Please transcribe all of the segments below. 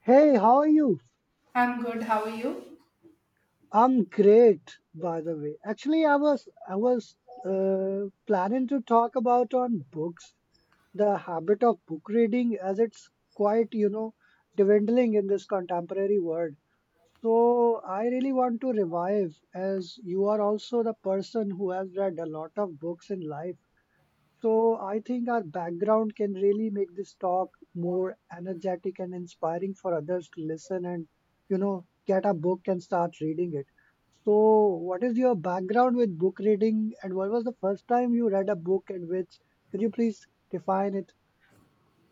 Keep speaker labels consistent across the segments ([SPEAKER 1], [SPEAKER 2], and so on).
[SPEAKER 1] Hey, how are you?
[SPEAKER 2] I'm good. How are you?
[SPEAKER 1] I'm great, by the way. Actually, I was planning to talk about on books, the habit of book reading as it's quite dwindling in this contemporary world. So I really want to revive as you are also the person who has read a lot of books in life. So I think our background can really make this talk more energetic and inspiring for others to listen and get a book and start reading it. So what is your background with book reading and what was the first time you read a book and which? Could you please define it?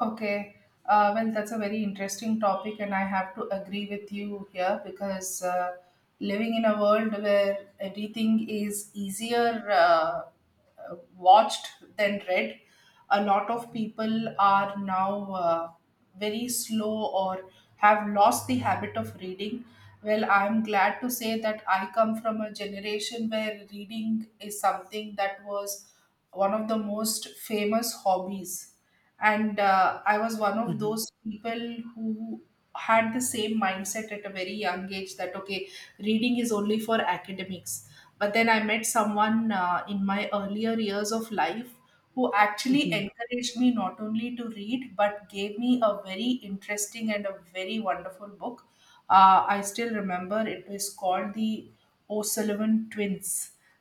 [SPEAKER 2] Okay, well, that's a very interesting topic, and I have to agree with you here because living in a world where everything is easier watched than read, a lot of people are now very slow or have lost the habit of reading. Well, I'm glad to say that I come from a generation where reading is something that was one of the most famous hobbies and I was one of
[SPEAKER 1] hmm
[SPEAKER 2] those people who had the same mindset at a very young age that okay reading is only for academics but then I met someone in my earlier years of life who actually
[SPEAKER 1] hmm
[SPEAKER 2] encouraged me not only to read but gave me a very interesting and a very wonderful book. I still remember it is called The O'Sullivan Twins.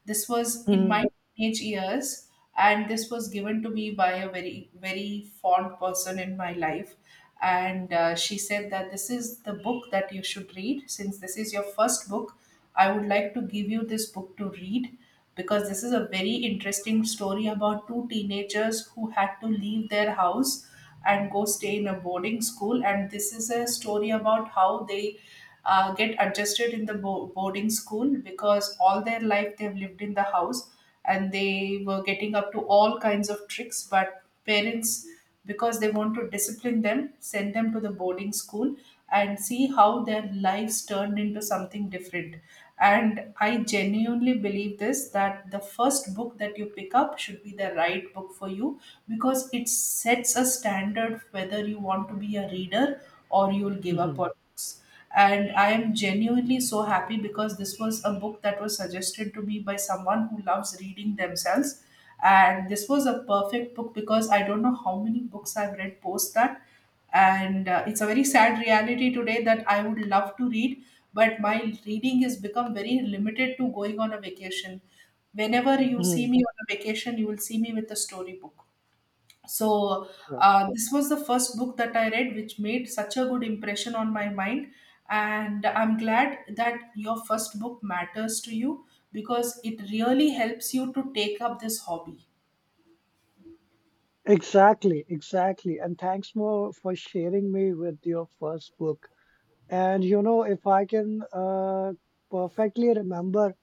[SPEAKER 2] This was in
[SPEAKER 1] hmm
[SPEAKER 2] my teenage years, and this was given to me by a very, very fond person in my life. And she said that this is the book that you should read. Since this is your first book, I would like to give you this book to read because this is a very interesting story about two teenagers who had to leave their house and go stay in a boarding school. And this is a story about how they get adjusted in the boarding school because all their life they've lived in the house and they were getting up to all kinds of tricks but parents because they want to discipline them send them to the boarding school and see how their lives turned into something different. And I genuinely believe this that the first book that you pick up should be the right book for you because it sets a standard whether you want to be a reader or you'll give up on books
[SPEAKER 1] hmm
[SPEAKER 2] books And I am genuinely so happy because this was a book that was suggested to me by someone who loves reading themselves, and this was a perfect book because I don't know how many books I've read post that. And it's a very sad reality today that I would love to read but my reading has become very limited to going on a vacation. Whenever you see
[SPEAKER 1] hmm
[SPEAKER 2] me on a vacation you will see me with a storybook. So
[SPEAKER 1] Sure.
[SPEAKER 2] this was the first book that I read, which made such a good impression on my mind. And I'm glad that your first book matters to you because it really helps you to take up this hobby.
[SPEAKER 1] Exactly, exactly. And thanks more for sharing me with your first book. And you know, if I can perfectly remember.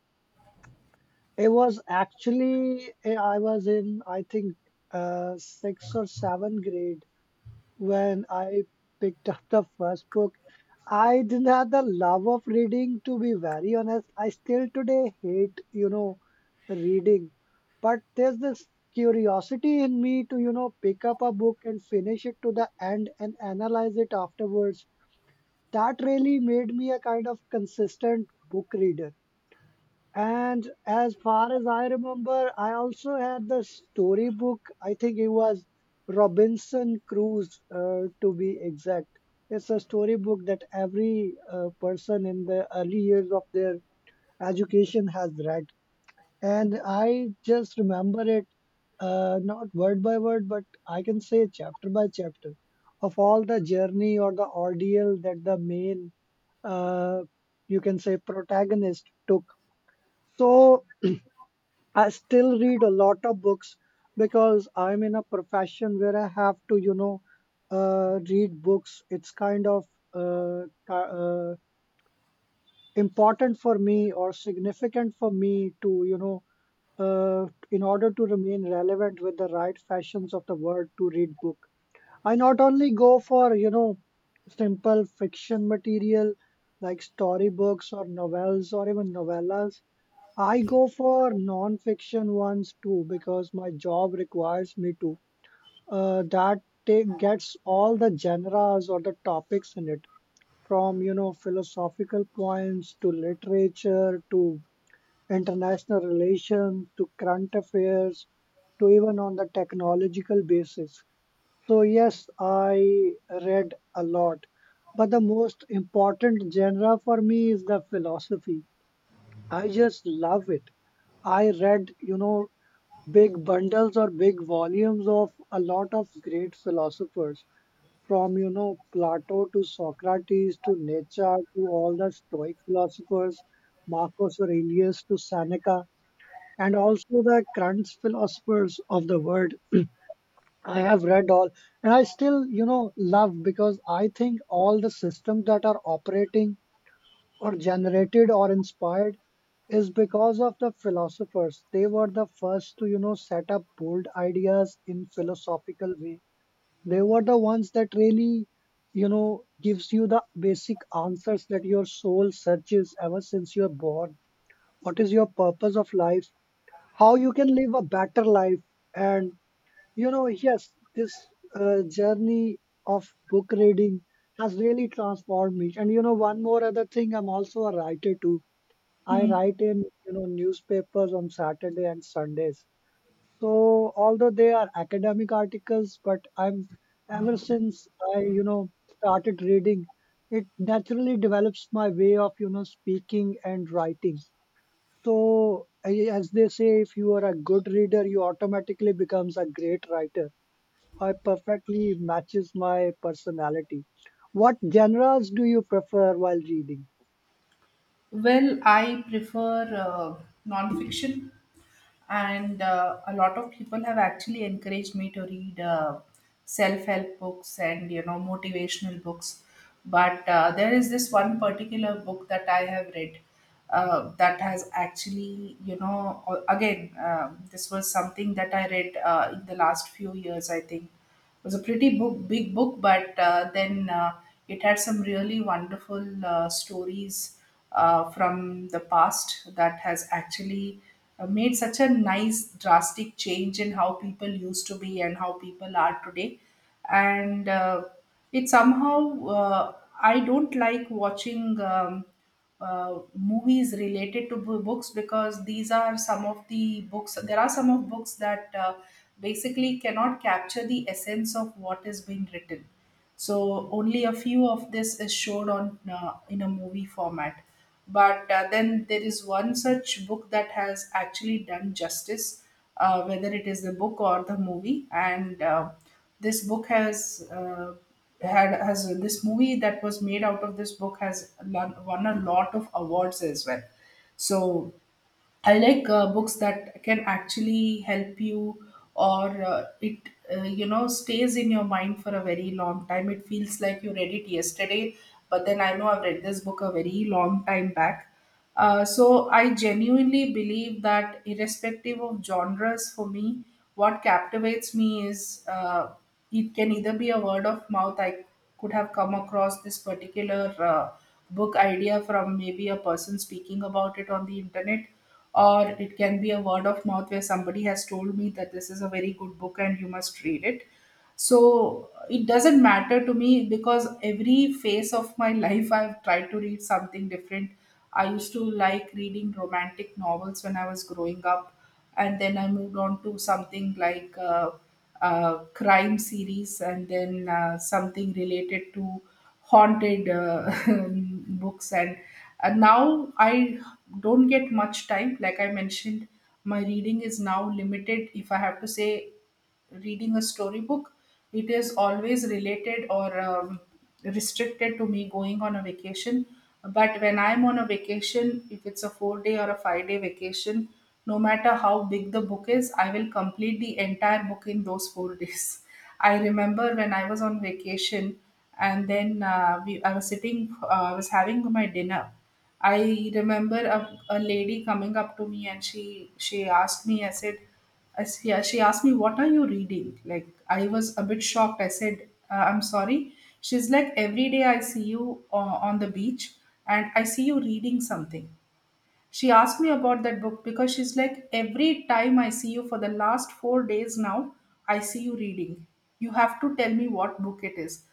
[SPEAKER 1] It was actually, I was in, I think, sixth or seventh grade when I picked up the first book. I didn't have the love of reading, to be very honest. I Still today hate reading. But there's this curiosity in me to pick up a book and finish it to the end and analyze it afterwards. That really made me a kind of consistent book reader. And as far as I remember, I also had the storybook. I think it was Robinson Crusoe, to be exact. It's a storybook that every person in the early years of their education has read. And I just remember it, not word by word, but I can say chapter by chapter of all the journey or the ordeal that the main, uh, you can say, protagonist took. So I still read a lot of books because I'm in a profession where I have to read books. It's kind of uh, ki- uh, important for me or significant for me, in order to remain relevant with the right fashions of the word to read book. I not only go for simple fiction material like storybooks or novels or even novellas, I go for non-fiction ones too because my job requires me to. Uh, that Gets all the genres or the topics in it, from you know philosophical points to literature to international relations to current affairs to even on the technological basis. So yes, I read a lot, but the most important genre for me is the philosophy. I just love it. I read big bundles or big volumes of a lot of great philosophers from you know Plato to Socrates to Nietzsche to all the stoic philosophers Marcus Aurelius to Seneca and also the current philosophers of the world. I have read all and I still you know love because I think all the systems that are operating or generated or inspired is because of the philosophers. They were the first to you know set up bold ideas in philosophical way. They were the ones that really you know gives you the basic answers that your soul searches ever since you're born. What is your purpose of life? How you can live a better life? And you know yes this journey of book reading has really transformed me and you know one more other thing I'm also a writer too. I
[SPEAKER 2] Hmm.
[SPEAKER 1] write in, you know, newspapers on Saturday and Sundays. So although they are academic articles, but I'm ever since I started reading, it naturally develops my way of speaking and writing. So I- as they say, if you are a good reader, you automatically becomes a great writer. I perfectly matches my personality. What genres do you prefer while reading?
[SPEAKER 2] Well, I prefer nonfiction, and a lot of people have actually encouraged me to read self-help books and you know motivational books, but there is this one particular book that I have read, that has actually you know again. This was something that I read in the last few years I think. It was a pretty book, big book, but then it had some really wonderful stories from the past that has actually made such a nice drastic change in how people used to be and how people are today. And it somehow, I don't like watching. Movies related to books because these are some of the books. There are some of books that basically cannot capture the essence of what is being written. So only a few of this is showed on in a movie format. But then there is one such book that has actually done justice, whether it is the book or the movie, and this book has had has this movie that was made out of this book has won a lot of awards as well. So I like books that can actually help you, or it you know stays in your mind for a very long time. It feels like you read it yesterday, but then I know I've read this book a very long time back. So I genuinely believe that, irrespective of genres, for me, what captivates me is it can either be a word of mouth. I could have come across this particular book idea from maybe a person speaking about it on the internet, or it can be a word of mouth where somebody has told me that this is a very good book and you must read it. So it doesn't matter to me because every phase of my life I've tried to read something different. I used to like reading romantic novels when I was growing up, and then I moved on to something like crime series, and then something related to haunted books, and now I don't get much time like I mentioned. My reading is now limited, if I have to say, reading a storybook, it is always related or restricted to me going on a vacation. But when I'm on a vacation, if it's a 4 day or a 5-day vacation, no matter how big the book is I will complete the entire book in those 4 days. I remember when I was on vacation, and then I was sitting, I was having my dinner. I remember a lady coming up to me and she asked me. I said, she asked me, what are you reading? Like I was a bit shocked. I said, I'm sorry. She's like, every day I see you on the beach and I see you reading something. She asked me about that book because she's like, every time I see you for the last 4 days now, I see you reading. You have to tell me what book it is.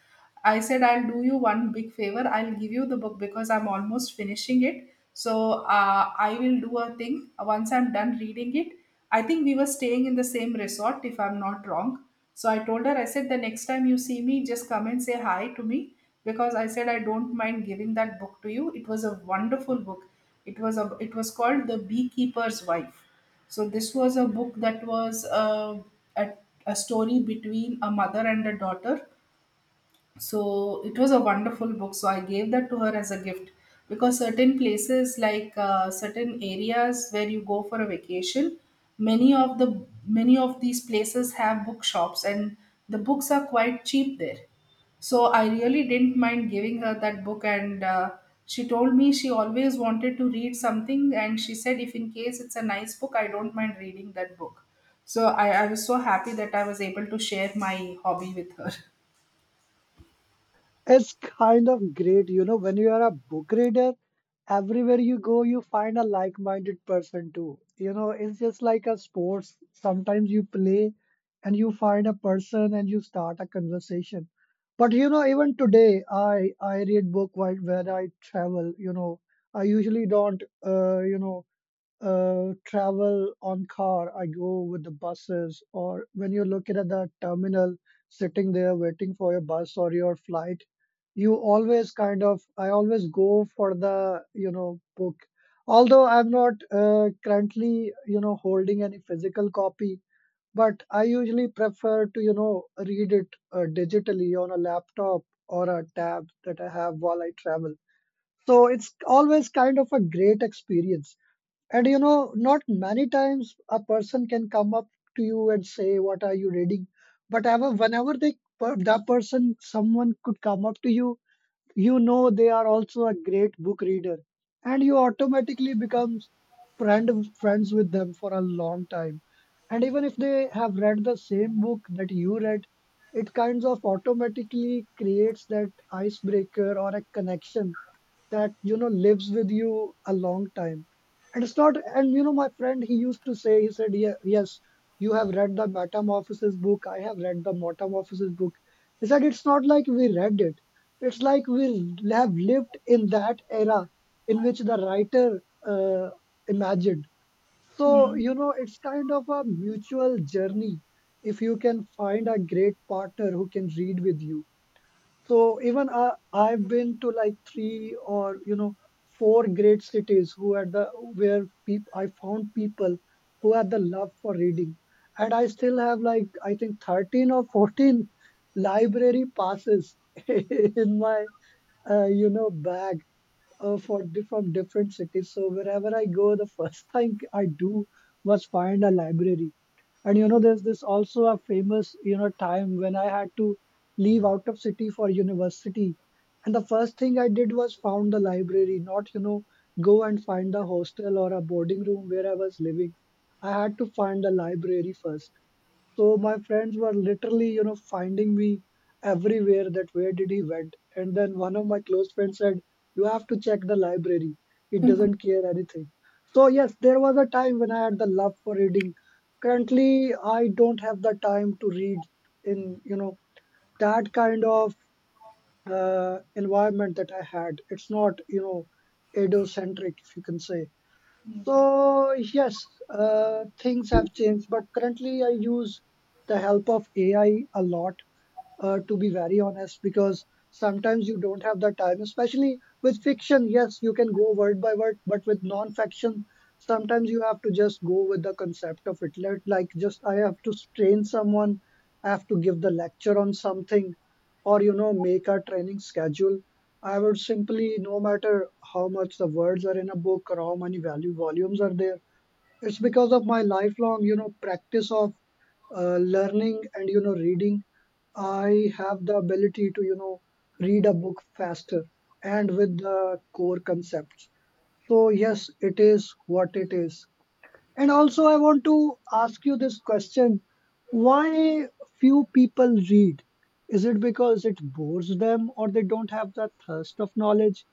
[SPEAKER 2] I said, I'll do you one big favor. I'll give you the book because I'm almost finishing it. So I will do a thing. Once I'm done reading it, I think we were staying in the same resort, if I'm not wrong. So I told her, I said, the next time you see me, just come and say hi to me because I said I don't mind giving that book to you. It was a wonderful book. It was called The Beekeeper's Wife. So this was a book that was a, a story between a mother and a daughter. So it was a wonderful book. So I gave that to her as a gift because certain places, like certain areas where you go for a vacation, many of these places have bookshops, and the books are quite cheap there. So I really didn't mind giving her that book, and she told me she always wanted to read something, and she said if in case it's a nice book, I don't mind reading that book. So I was so happy that I was able to share my hobby with her.
[SPEAKER 1] It's kind of great, you know, when you are a book reader, everywhere you go, you find a like-minded person too. You know, it's just like a sports. Sometimes you play and you find a person and you start a conversation. But you know, even today, I read book while when I travel. You know, I usually don't travel on car, I go with the buses, or when you're looking at the terminal, sitting there waiting for your bus or your flight, you always I always go for the book. Although I'm not currently holding any physical copy, but I usually prefer to read it digitally on a laptop or a tab that I have while I travel. So it's always kind of a great experience. And you know, not many times a person can come up to you and say, "What are you reading?" But ever, whenever they per- that person, someone could come up to you, you know they are also a great book reader, and you automatically becomes friend friends with them for a long time. And even if they have read the same book that you read, it kinds of automatically creates that icebreaker or a connection that you know lives with you a long time. And it's not, and you know my friend he used to say, he said yeah, yes, you have read the Metamorphosis book, I have read the Metamorphosis book. He said it's not like we read it, it's like we have lived in that era in which the writer uh, imagined. So
[SPEAKER 2] Hmm.
[SPEAKER 1] you know it's kind of a mutual journey if you can find a great partner who can read with you. So even I've been to like three or you know four great cities who had the where peop I found people who had the love for reading, and I still have like I think 13 or 14 library passes in my bag from different cities. So wherever I go, the first thing I do was find a library. And you know, there's this also a famous you know time when I had to leave out of city for university, and the first thing I did was found the library, not you know go and find a hostel or a boarding room where I was living. I had to find the library first. So my friends were literally, you know, finding me everywhere that where did he went. And then one of my close friends said, you have to check the library. It doesn't care anything. So yes, there was a time when I had the love for reading. Currently, I don't have the time to read in that kind of environment that I had. It's not edo centric, if you can say. So yes, things have changed, but currently I use the help of AI a lot to be very honest, because sometimes you don't have the time, especially with fiction. Yes, you can go word by word, but with non-fiction, sometimes you have to just go with the concept of it. Like, just I have to train someone, I have to give the lecture on something, or you know, make a training schedule. I would simply, no matter how much the words are in a book or how many value volumes are there, it's because of my lifelong, you know, practice of learning and you know reading. I have the ability to you know read a book faster and with the core concepts. So yes it is what it is. And also I want to ask you this question, why few people read? Is it because it bores them or they don't have the thirst of knowledge,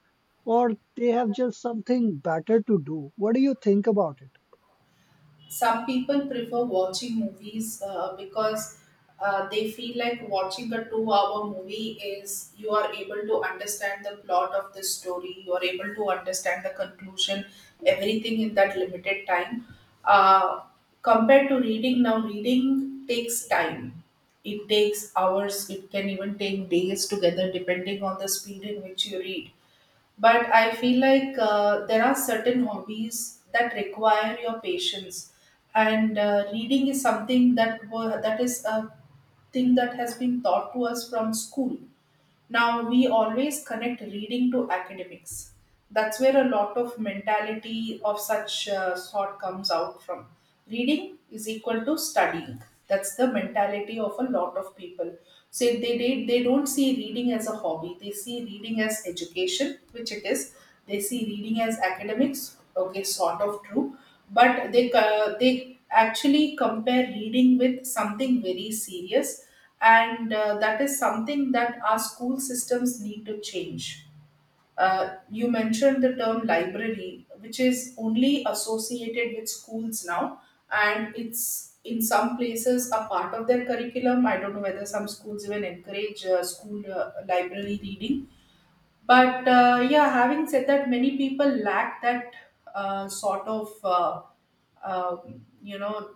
[SPEAKER 1] or they have just something better to do? What do you think about it?
[SPEAKER 2] Some people prefer watching movies because they feel like watching a 2 hour movie is you are able to understand the plot of the story, you are able to understand the conclusion, everything in that limited time. uh, Compared to reading, now reading takes time. It takes hours, it can even take days together, depending on the speed in which you read. But I feel like there are certain hobbies that require your patience, and reading is something that that is a thing that has been taught to us from school. Now, we always connect reading to academics. That's where a lot of mentality of such sort comes out from. Reading is equal to studying. That's the mentality of a lot of people. So they don't see reading as a hobby. They see reading as education, which it is. They see reading as academics, okay, sort of true. But they actually compare reading with something very serious, and that is something that our school systems need to change. You mentioned the term library, which is only associated with schools now, and it's in some places a part of their curriculum. I don't know whether some schools even encourage school library reading, but yeah, having said that, many people lack that uh, sort of, uh, uh, you know,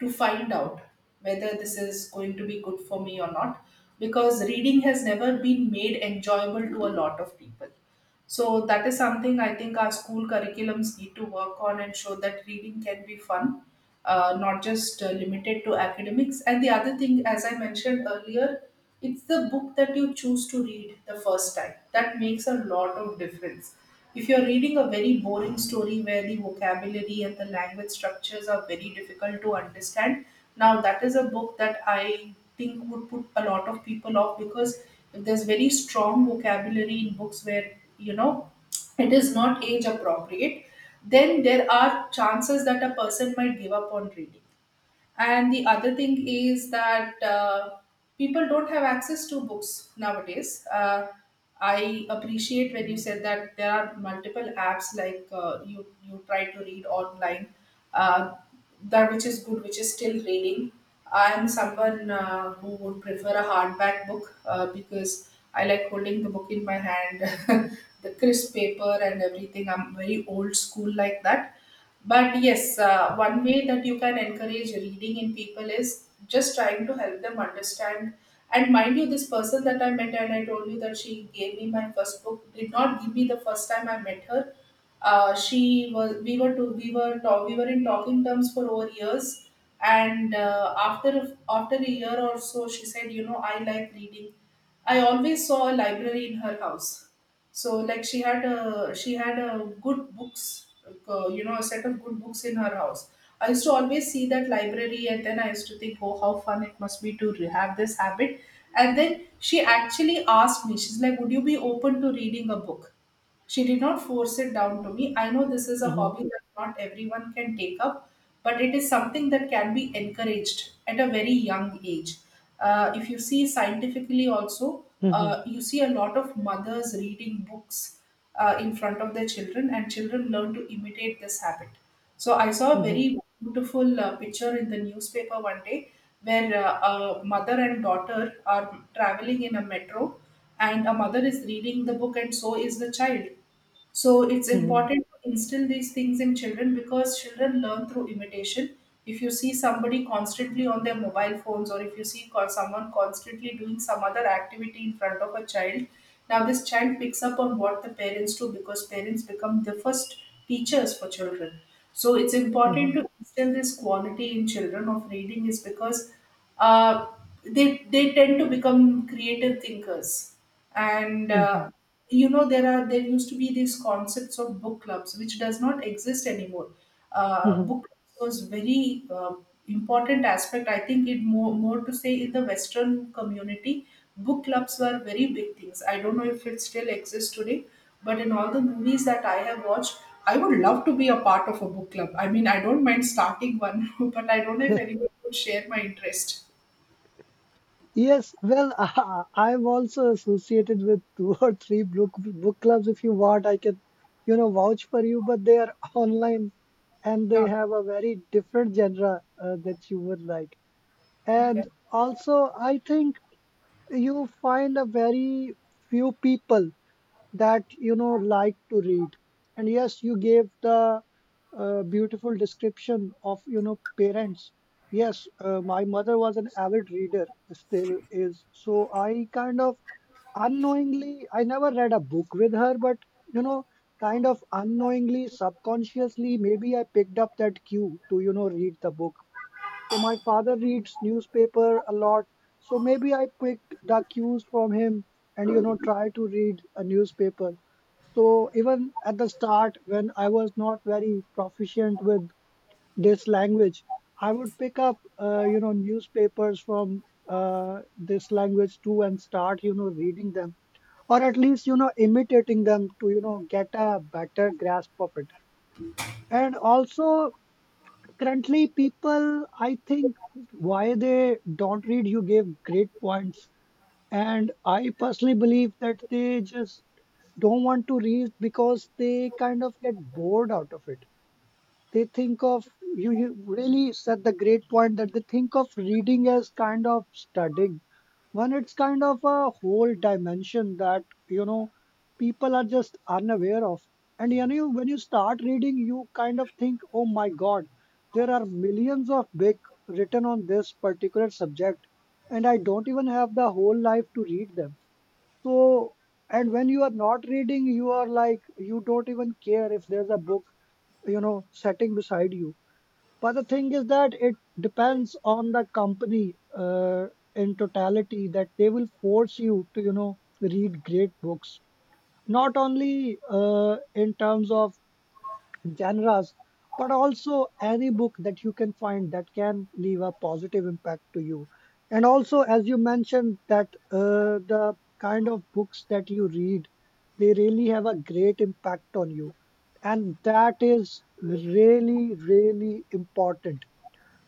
[SPEAKER 2] to find out whether this is going to be good for me or not, because reading has never been made enjoyable to a lot of people. So that is something I think our school curriculums need to work on and show that reading can be fun, not just limited to academics. And the other thing, as I mentioned earlier, it's the book that you choose to read the first time. That makes a lot of difference. If you're reading a very boring story where the vocabulary and the language structures are very difficult to understand, now that is a book that I think would put a lot of people off because if there's very strong vocabulary in books where, it is not age appropriate, then there are chances that a person might give up on reading. And the other thing is that people don't have access to books nowadays. I appreciate when you said that there are multiple apps like you try to read online, uh, that which is good, which is still reading. I am someone who would prefer a hardback book because I like holding the book in my hand, the crisp paper and everything. I'm very old school like that, but yes, one way that you can encourage reading in people is just trying to help them understand. And mind you, this person that I met and I told you that she gave me my first book did not give me the first time I met her. She was we were to we were talk, we were in talking terms for over years, and after a year or so, she said, I like reading. I always saw a library in her house. So like she had a good books, a set of good books in her house. I used to always see that library, and then I used to think, oh, how fun it must be to have this habit. And then she actually asked me, she's like, would you be open to reading a book? She did not force it down to me. I know this is a
[SPEAKER 1] Mm-hmm.
[SPEAKER 2] hobby that not everyone can take up, but it is something that can be encouraged at a very young age. If you see scientifically, also,
[SPEAKER 1] Mm-hmm.
[SPEAKER 2] you see a lot of mothers reading books in front of their children, and children learn to imitate this habit. So, I saw a very beautiful picture in the newspaper one day where a mother and daughter are traveling in a metro, and a mother is reading the book and so is the child. So it's
[SPEAKER 1] Mm-hmm. Mm-hmm.
[SPEAKER 2] important to instill these things in children because children learn through imitation. If you see somebody constantly on their mobile phones, or if you see someone constantly doing some other activity in front of a child, now this child picks up on what the parents do because parents become the first teachers for children. So it's important to instill this quality in children of reading, is because uh, they tend to become creative thinkers. and
[SPEAKER 1] Mm-hmm.
[SPEAKER 2] uh, you know there are, there used to be these concepts of book clubs which does not exist anymore.
[SPEAKER 1] Mm-hmm.
[SPEAKER 2] Book clubs was very important aspect, I think, more to say in the western community. Book clubs were very big things. I don't know if it still exists today, but in all the movies that I have watched, I would love to be a part of a book club. I mean, I don't mind starting one but I don't know if anyone would share my interest.
[SPEAKER 1] Yes, well, I'm also associated with two or three book clubs. If you want, I can, you know, vouch for you. But they are online, and
[SPEAKER 2] No.
[SPEAKER 1] they have a very different genre that you would like.
[SPEAKER 2] Okay.
[SPEAKER 1] And also, I think you find a very few people that you know like to read. And yes you gave the beautiful description of you know parents. Yes my mother was an avid reader, still is. So I kind of unknowingly, I never read a book with her, but you know kind of unknowingly subconsciously maybe I picked up that cue to you know read the book. So my father reads newspaper a lot. So maybe I picked the cues from him and you know try to read a newspaper. So even at the start when I was not very proficient with this language, I would pick up newspapers from this language too, and start reading them, or at least imitating them to get a better grasp of it. And also, currently, people, I think, why they don't read, you gave great points. And I personally believe that they just don't want to read because they kind of get bored out of it. They think of You really said the great point, that they think of reading as kind of studying, when it's kind of a whole dimension that people are just unaware of. And when you start reading, you kind of think, oh my god, there are millions of big written on this particular subject, and I don't even have the whole life to read them. So, and when you are not reading, you are like, you don't even care if there's a book setting beside you. But the thing is that it depends on the company, in totality, that they will force you to read great books, not only in terms of genres, but also any book that you can find that can leave a positive impact to you. And also, as you mentioned, that the kind of books that you read, they really have a great impact on you. And that is really, really important,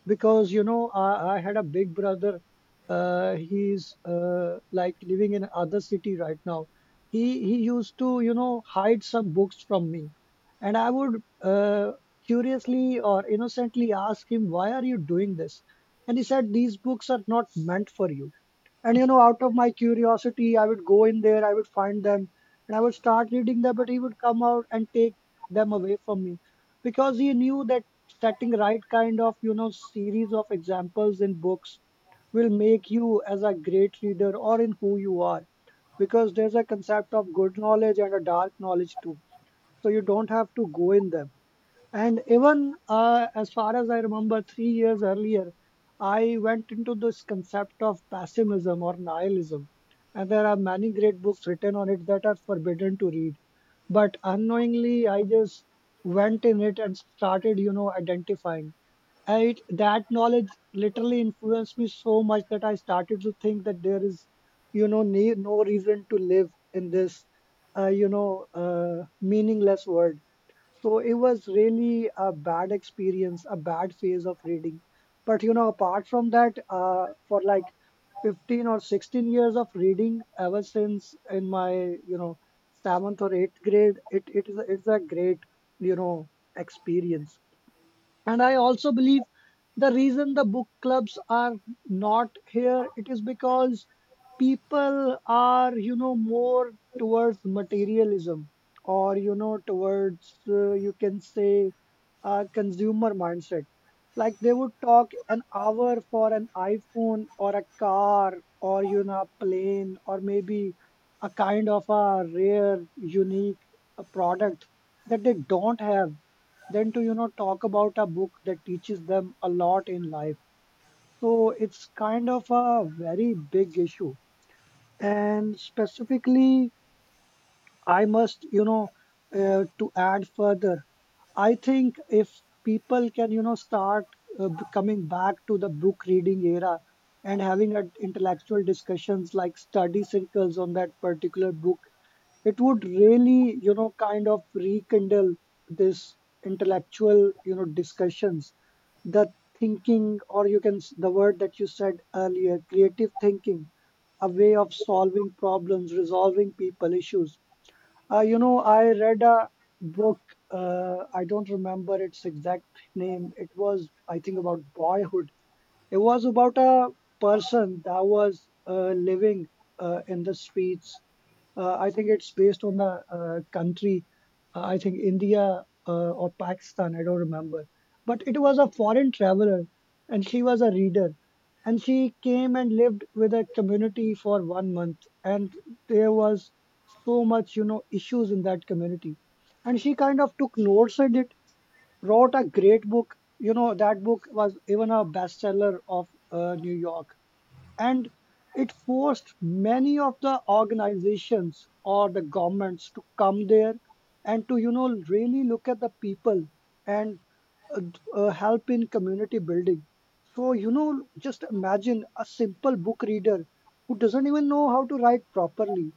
[SPEAKER 1] because I had a big brother. He's like living in other city right now. He used to hide some books from me, and I would, curiously or innocently, ask him, "Why are you doing this?" And he said, "These books are not meant for you." And out of my curiosity, I would go in there, I would find them, and I would start reading them, but he would come out and take them away from me, because he knew that setting right kind of, series of examples in books will make you as a great reader or in who you are, because there's a concept of good knowledge and a dark knowledge too. So you don't have to go in them. And even, as far as I remember, 3 years earlier, I went into this concept of pessimism or nihilism. And there are many great books written on it that are forbidden to read. But unknowingly, I just went in it and started, identifying. And that knowledge literally influenced me so much that I started to think that there is, no reason to live in this meaningless world. So it was really a bad experience, a bad phase of reading. But apart from that, for like 15 or 16 years of reading ever since in my, you know, seventh or eighth grade, it's a great, you know, experience. And I also believe the reason the book clubs are not here, it is because people are, more towards materialism, or towards, you can say, consumer mindset. Like they would talk an hour for an iPhone or a car, or a plane, or maybe a kind of a rare, unique product that they don't have, than to talk about a book that teaches them a lot in life. So it's kind of a very big issue. And specifically, I must, to add further, I think if people can start, coming back to the book reading era, and having intellectual discussions, like study circles, on that particular book, it would really, kind of rekindle this intellectual, discussions, the thinking, or you can the word that you said earlier, creative thinking, a way of solving problems, resolving people issues. I read a book, I don't remember its exact name. It was, I think, about boyhood. It was about a person that was living in the streets. I think it's based on the country. I think India, or Pakistan, I don't remember. But it was a foreign traveler, and she was a reader. And she came and lived with a community for 1 month. And there was so much, issues in that community. And she kind of took notes in it, wrote a great book. That book was even a bestseller of New York, and it forced many of the organizations or the governments to come there, and to really look at the people, and help in community building. So, just imagine a simple book reader who doesn't even know how to write properly.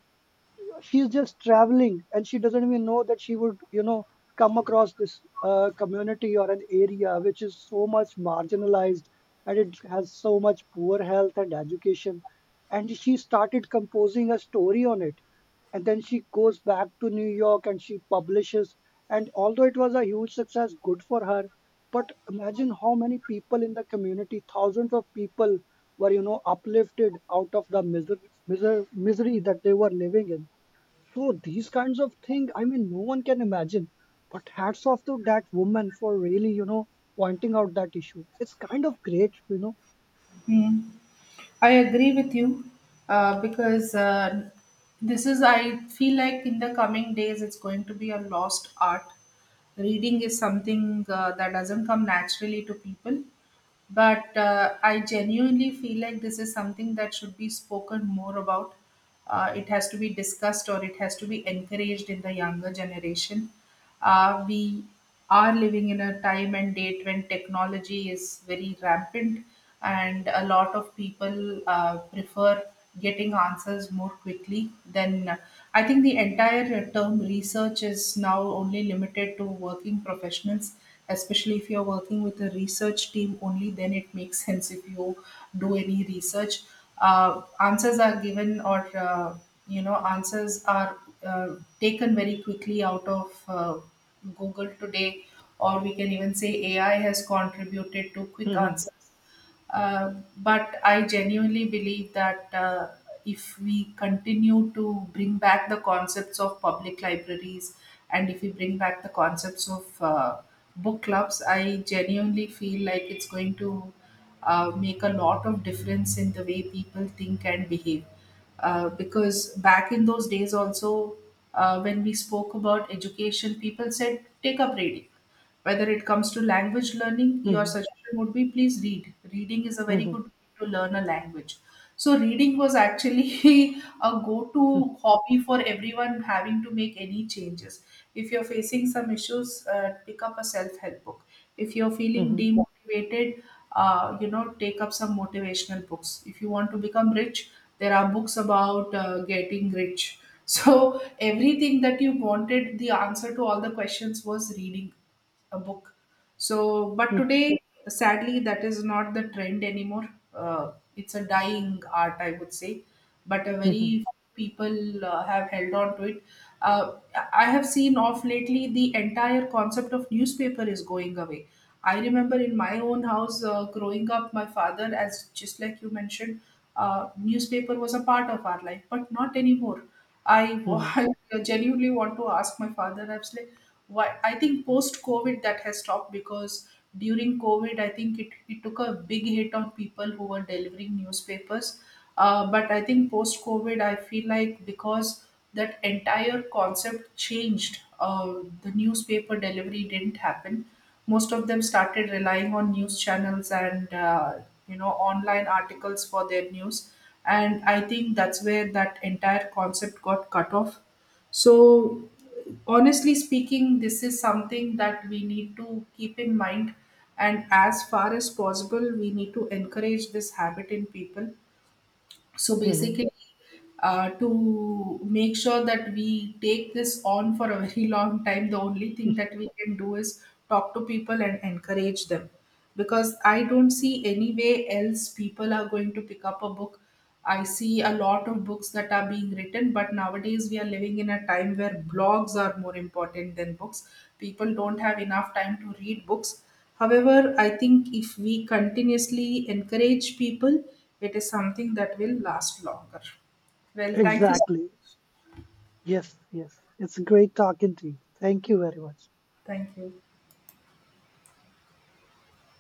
[SPEAKER 1] She's just traveling, and she doesn't even know that she would come across this community or an area which is so much marginalized, and it has so much poor health and education. And she started composing a story on it, and then she goes back to New York and she publishes, and although it was a huge success, good for her, but imagine how many people in the community, thousands of people, were uplifted out of the misery that they were living in. So these kinds of thing, I mean, no one can imagine. But hats off to that woman for really, pointing out that issue. It's kind of great.
[SPEAKER 2] Hmm. I agree with you because this is, I feel like in the coming days, it's going to be a lost art. Reading is something that doesn't come naturally to people, but I genuinely feel like this is something that should be spoken more about. It has to be discussed or it has to be encouraged in the younger generation. We are living in a time and date when technology is very rampant, and a lot of people prefer getting answers more quickly than I think the entire term research is now only limited to working professionals, especially if you're working with a research team only then it makes sense if you do any research. Answers are given, or answers are uh, taken very quickly out of Google today, or we can even say AI has contributed to quick
[SPEAKER 1] Mhm,
[SPEAKER 2] answers. But I genuinely believe that if we continue to bring back the concepts of public libraries, and if we bring back the concepts of book clubs, I genuinely feel like it's going to make a lot of difference in the way people think and behave. Because back in those days, also, when we spoke about education, people said, take up reading, whether it comes to language learning, your
[SPEAKER 1] mhm,
[SPEAKER 2] suggestion would be, please read. Reading is a very
[SPEAKER 1] mhm,
[SPEAKER 2] good way to learn a language. So, reading was actually a go
[SPEAKER 1] mhm,
[SPEAKER 2] to hobby for everyone having to make any changes. If you're facing some issues, pick up a self help book. If you're feeling
[SPEAKER 1] mhm,
[SPEAKER 2] demotivated, take up some motivational books. If you want to become rich, there are books about getting rich. So, everything that you wanted, the answer to all the questions was reading a book. So, but
[SPEAKER 1] mhm,
[SPEAKER 2] today, sadly, that is not the trend anymore. It's a dying art, I would say, but a
[SPEAKER 1] mhm,
[SPEAKER 2] very few people have held on to it. Uh, I have seen off lately the entire concept of newspaper is going away. I remember in my own house growing up, my father, as just like you mentioned, newspaper was a part of our life, but not anymore. I,
[SPEAKER 1] mhm,
[SPEAKER 2] I genuinely want to ask my father, I why I think post COVID that has stopped, because during COVID I think it took a big hit on people who were delivering newspapers. But I think post COVID I feel like because that entire concept changed, the newspaper delivery didn't happen. Most of them started relying on news channels and online articles for their news, and I think that's where that entire concept got cut off. So, honestly speaking, this is something that we need to keep in mind. And as far as possible, we need to encourage this habit in people. So
[SPEAKER 1] mhm.
[SPEAKER 2] basically, to make sure that we take this on for a very long time, the only thing that we can do is talk to people and encourage them. Because I don't see any way else people are going to pick up a book. I see a lot of books that are being written, but nowadays we are living in a time where blogs are more important than books. People don't have enough time to read books. However, I think if we continuously encourage people, it is something that will last longer. Well, thank you.
[SPEAKER 1] Exactly. Yes, yes. It's great talking to you. Thank you very much.
[SPEAKER 2] Thank you.